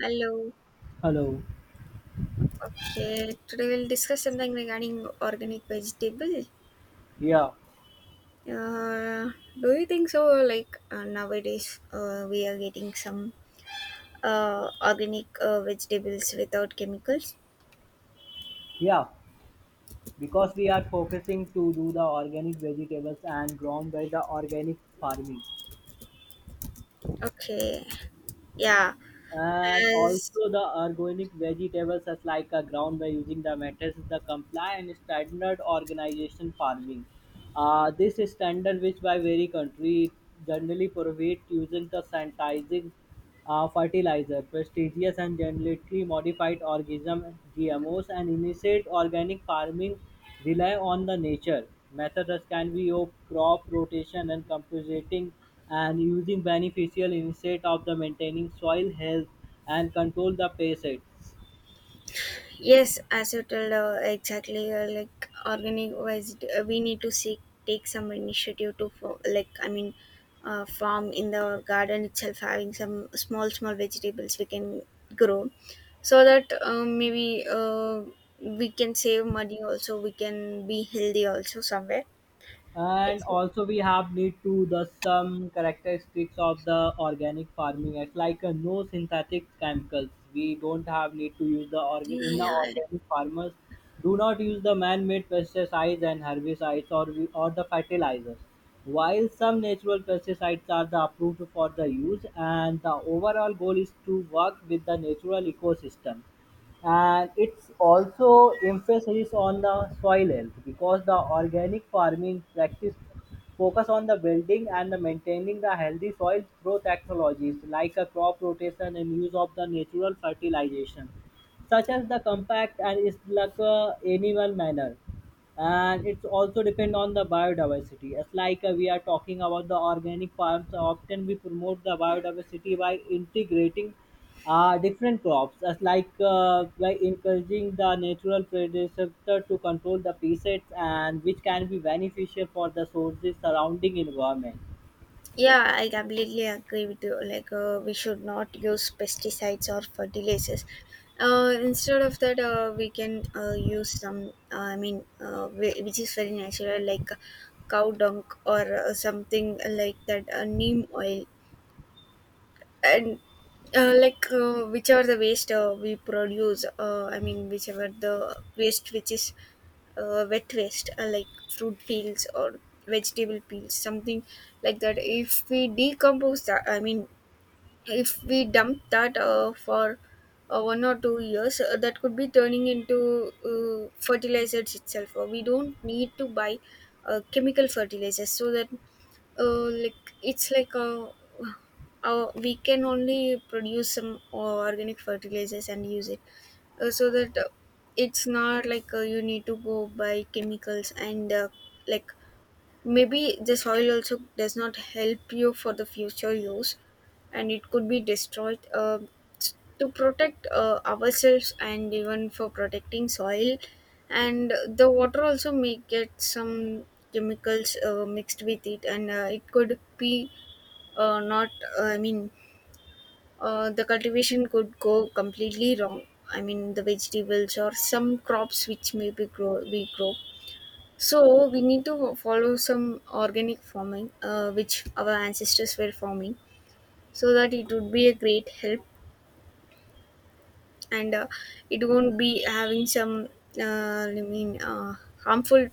Hello. Hello. Okay, today we'll discuss something regarding organic vegetable. Yeah. Uh, do you think so? Like nowadays, we are getting some organic vegetables without chemicals. Yeah, because we are focusing to do the organic vegetables and grown by the organic farming. Okay, yeah. And As also the organic vegetables as like a ground by using the methods the compliant standard organization farming. This standard which by very country generally provide using the sanitizing fertilizer, prestigious and genetically modified organism GMOs, and initiate organic farming rely on the nature. Methods can be of crop rotation and compositing and using beneficial instead of the maintaining soil health and control the pests. Yes, as you told exactly, like organized, we need to seek take some initiative to form, like I mean, farm in the garden itself, having some small small vegetables we can grow, so that maybe we can save money. Also, we can be healthy also somewhere. And It's, also we have need to the some characteristics of the organic farming, it's like no synthetic chemicals. We don't have need to use the yeah, in the yeah. organic farmers do not use the man-made pesticides and herbicides or the fertilizers, while some natural pesticides are the approved for the use and the overall goal is to work with the natural ecosystem. And it's also emphasis on the soil health, because the organic farming practice focus on the building and the maintaining the healthy soil through technologies like a crop rotation and use of the natural fertilization such as the compact and is like a animal manner. And it's also depend on the biodiversity. As like we are talking about the organic farms, often we promote the biodiversity by integrating different crops, as like by encouraging the natural predator to control the pests, and which can be beneficial for the sources surrounding environment. Yeah, I completely agree with you. Like, we should not use pesticides or fertilizers. Instead of that, we can use some, which is very natural, like cow dung or something like that, neem oil, and like whichever the waste we produce, I mean, whichever the waste which is wet waste like fruit peels or vegetable peels something like that. If we decompose that, I mean, if we dump that for 1 or 2 years, that could be turning into fertilizers itself, or we don't need to buy chemical fertilizers, so that like it's like we can only produce some organic fertilizers and use it, so that it's not like you need to go buy chemicals. And like maybe the soil also does not help you for the future use, and it could be destroyed. S- to protect ourselves, and even for protecting soil, and the water also may get some chemicals mixed with it. And it could be not I mean the cultivation could go completely wrong, I mean the vegetables or some crops which may be grow we grow. So we need to follow some organic farming, which our ancestors were farming, so that it would be a great help. And it won't be having some, uh, I mean, uh, harmful,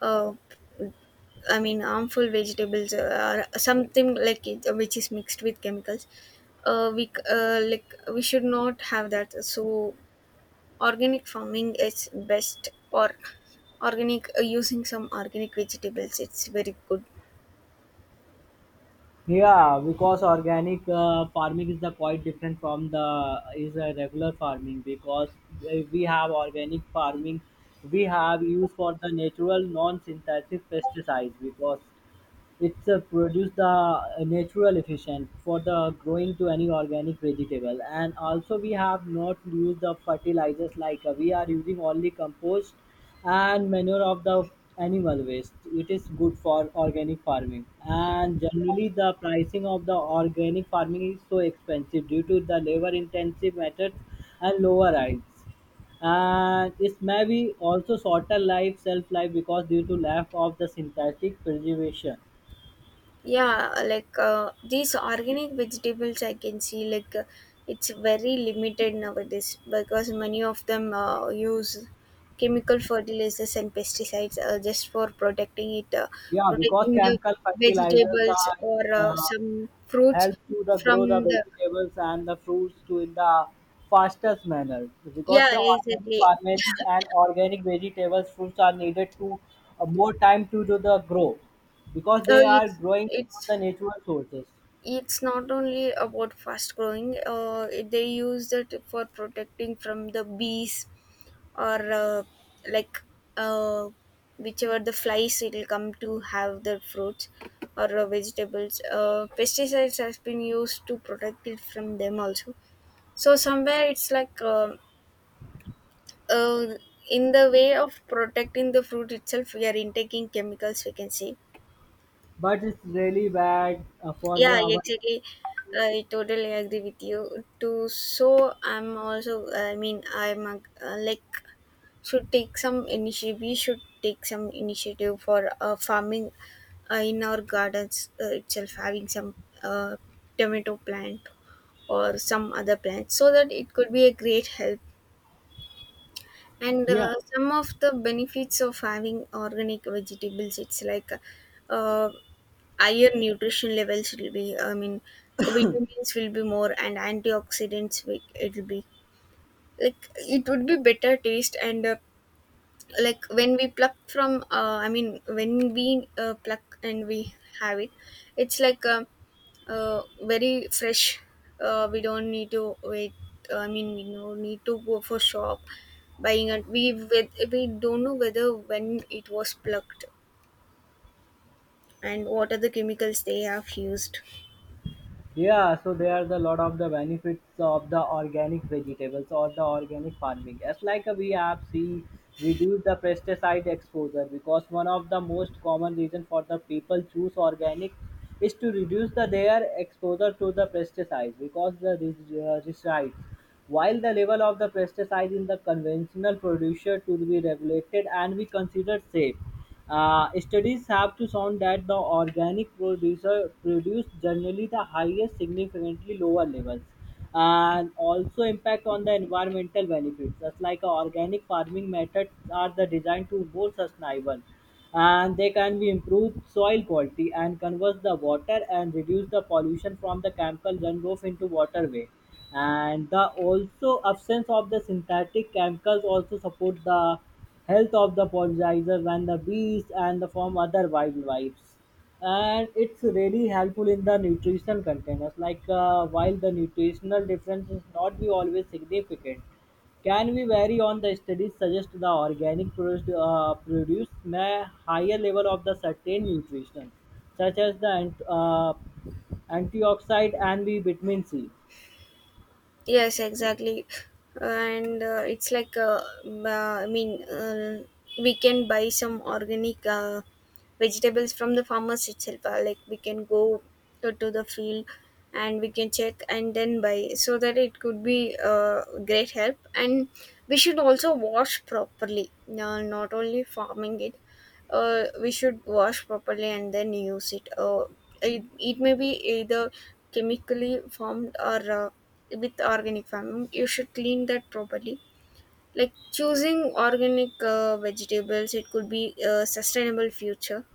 uh, I mean, harmful vegetables or something like it, which is mixed with chemicals. Like we should not have that. So organic farming is best, or organic using some organic vegetables. It's very good. Yeah, because organic farming is the quite different from the is a regular farming. Because we have organic farming, we have use for the natural non-synthetic pesticides, because it's produce the natural efficient for the growing to any organic vegetable. And also we have not used the fertilizers, like we are using only compost and manure of the animal waste. It is good for organic farming. And generally the pricing of the organic farming is so expensive due to the labor intensive methods and lower yields, and it may be also shorter life shelf life because due to lack of the synthetic preservation. Yeah, like these organic vegetables I can see like it's very limited nowadays because many of them use chemical fertilizers and pesticides just for protecting it, Yeah, because protecting the chemical fertilizers vegetables are or some fruits help to the from grow the the. vegetables and the fruits to in the fastest manner. Because Yeah, the organic, exactly. organic and organic vegetables fruits are needed to more time to do the grow, because Uh, they are it's growing from it's the natural sources. it's not only about fast growing. They use it for protecting from the bees, or like, uh, whichever the flies it will come to have the fruits or vegetables, pesticides has been used to protect it from them also. So somewhere it's like uh, in the way of protecting the fruit itself, we are intaking chemicals, we can say. But it's really bad for the Yeah, our exactly. I totally agree with you too. So I'm also, I mean, I'm like, should take some initiative. We should take some initiative for farming in our gardens itself, having some uh, tomato plant or some other plant, so that it could be a great help. And yeah. Some of the benefits of having organic vegetables, it's like uh, higher nutrition levels will be, I mean, vitamins will be more, and it will be like, it would be better taste. And like when we pluck from, I mean, when we pluck and we have it, it's like very fresh. We don't need to wait. I mean, we no need to go for shop buying it. We don't know whether when it was plucked and what are the chemicals they have used. Yeah, so there are the lot of the benefits of the organic vegetables or the organic farming. As like we have seen, reduce the pesticide exposure, because one of the most common reason for the people choose organic is to reduce the their exposure to the pesticides, because the resides. While the level of the pesticide in the conventional producer to be regulated and be considered safe, studies have to shown that the organic producer produce generally the highest significantly lower levels. And also impact on the environmental benefits, just like organic farming methods are the designed to more sustainable, and they can be improved soil quality and convert the water and reduce the pollution from the chemical runoff into waterway. And the also absence of the synthetic chemicals also support the health of the pollinizer, when the bees and the from other wildlife. And it's really helpful in the nutritional containers, like while the nutritional difference is not be always significant, can be vary on the studies suggest the organic produce may higher level of the certain nutrition, such as the antioxidant and the vitamin C. Yes, exactly. And it's like uh, i mean uh, we can buy some organic vegetables from the farmers itself. Like, we can go to the field and we can check and then buy, so that it could be great help. And we should also wash properly. Not only farming it, we should wash properly and then use it. It may be either chemically formed or with organic farming. You should clean that properly. Like choosing organic vegetables, it could be a sustainable future.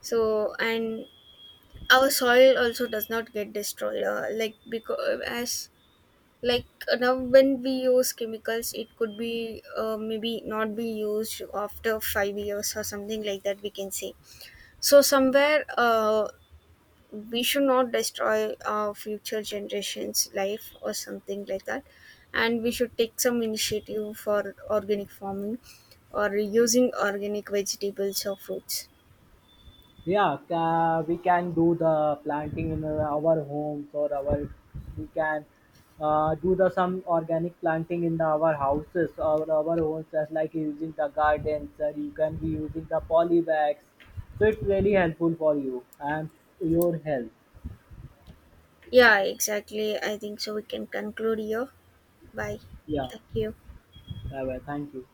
So, and our soil also does not get destroyed, like, because as like now when we use chemicals, it could be maybe not be used after 5 years or something like that, we can say. So somewhere, we should not destroy our future generations life or something like that, and we should take some initiative for organic farming or using organic vegetables or fruits. Yeah, we can do the planting in our homes or our we can do the some organic planting in the, our houses or our homes, just like using the gardens or you can be using the polybags. So it's really helpful for you and your health. Yeah, exactly. I think so. We can conclude here. Bye. Yeah, Thank you. bye bye. Thank you.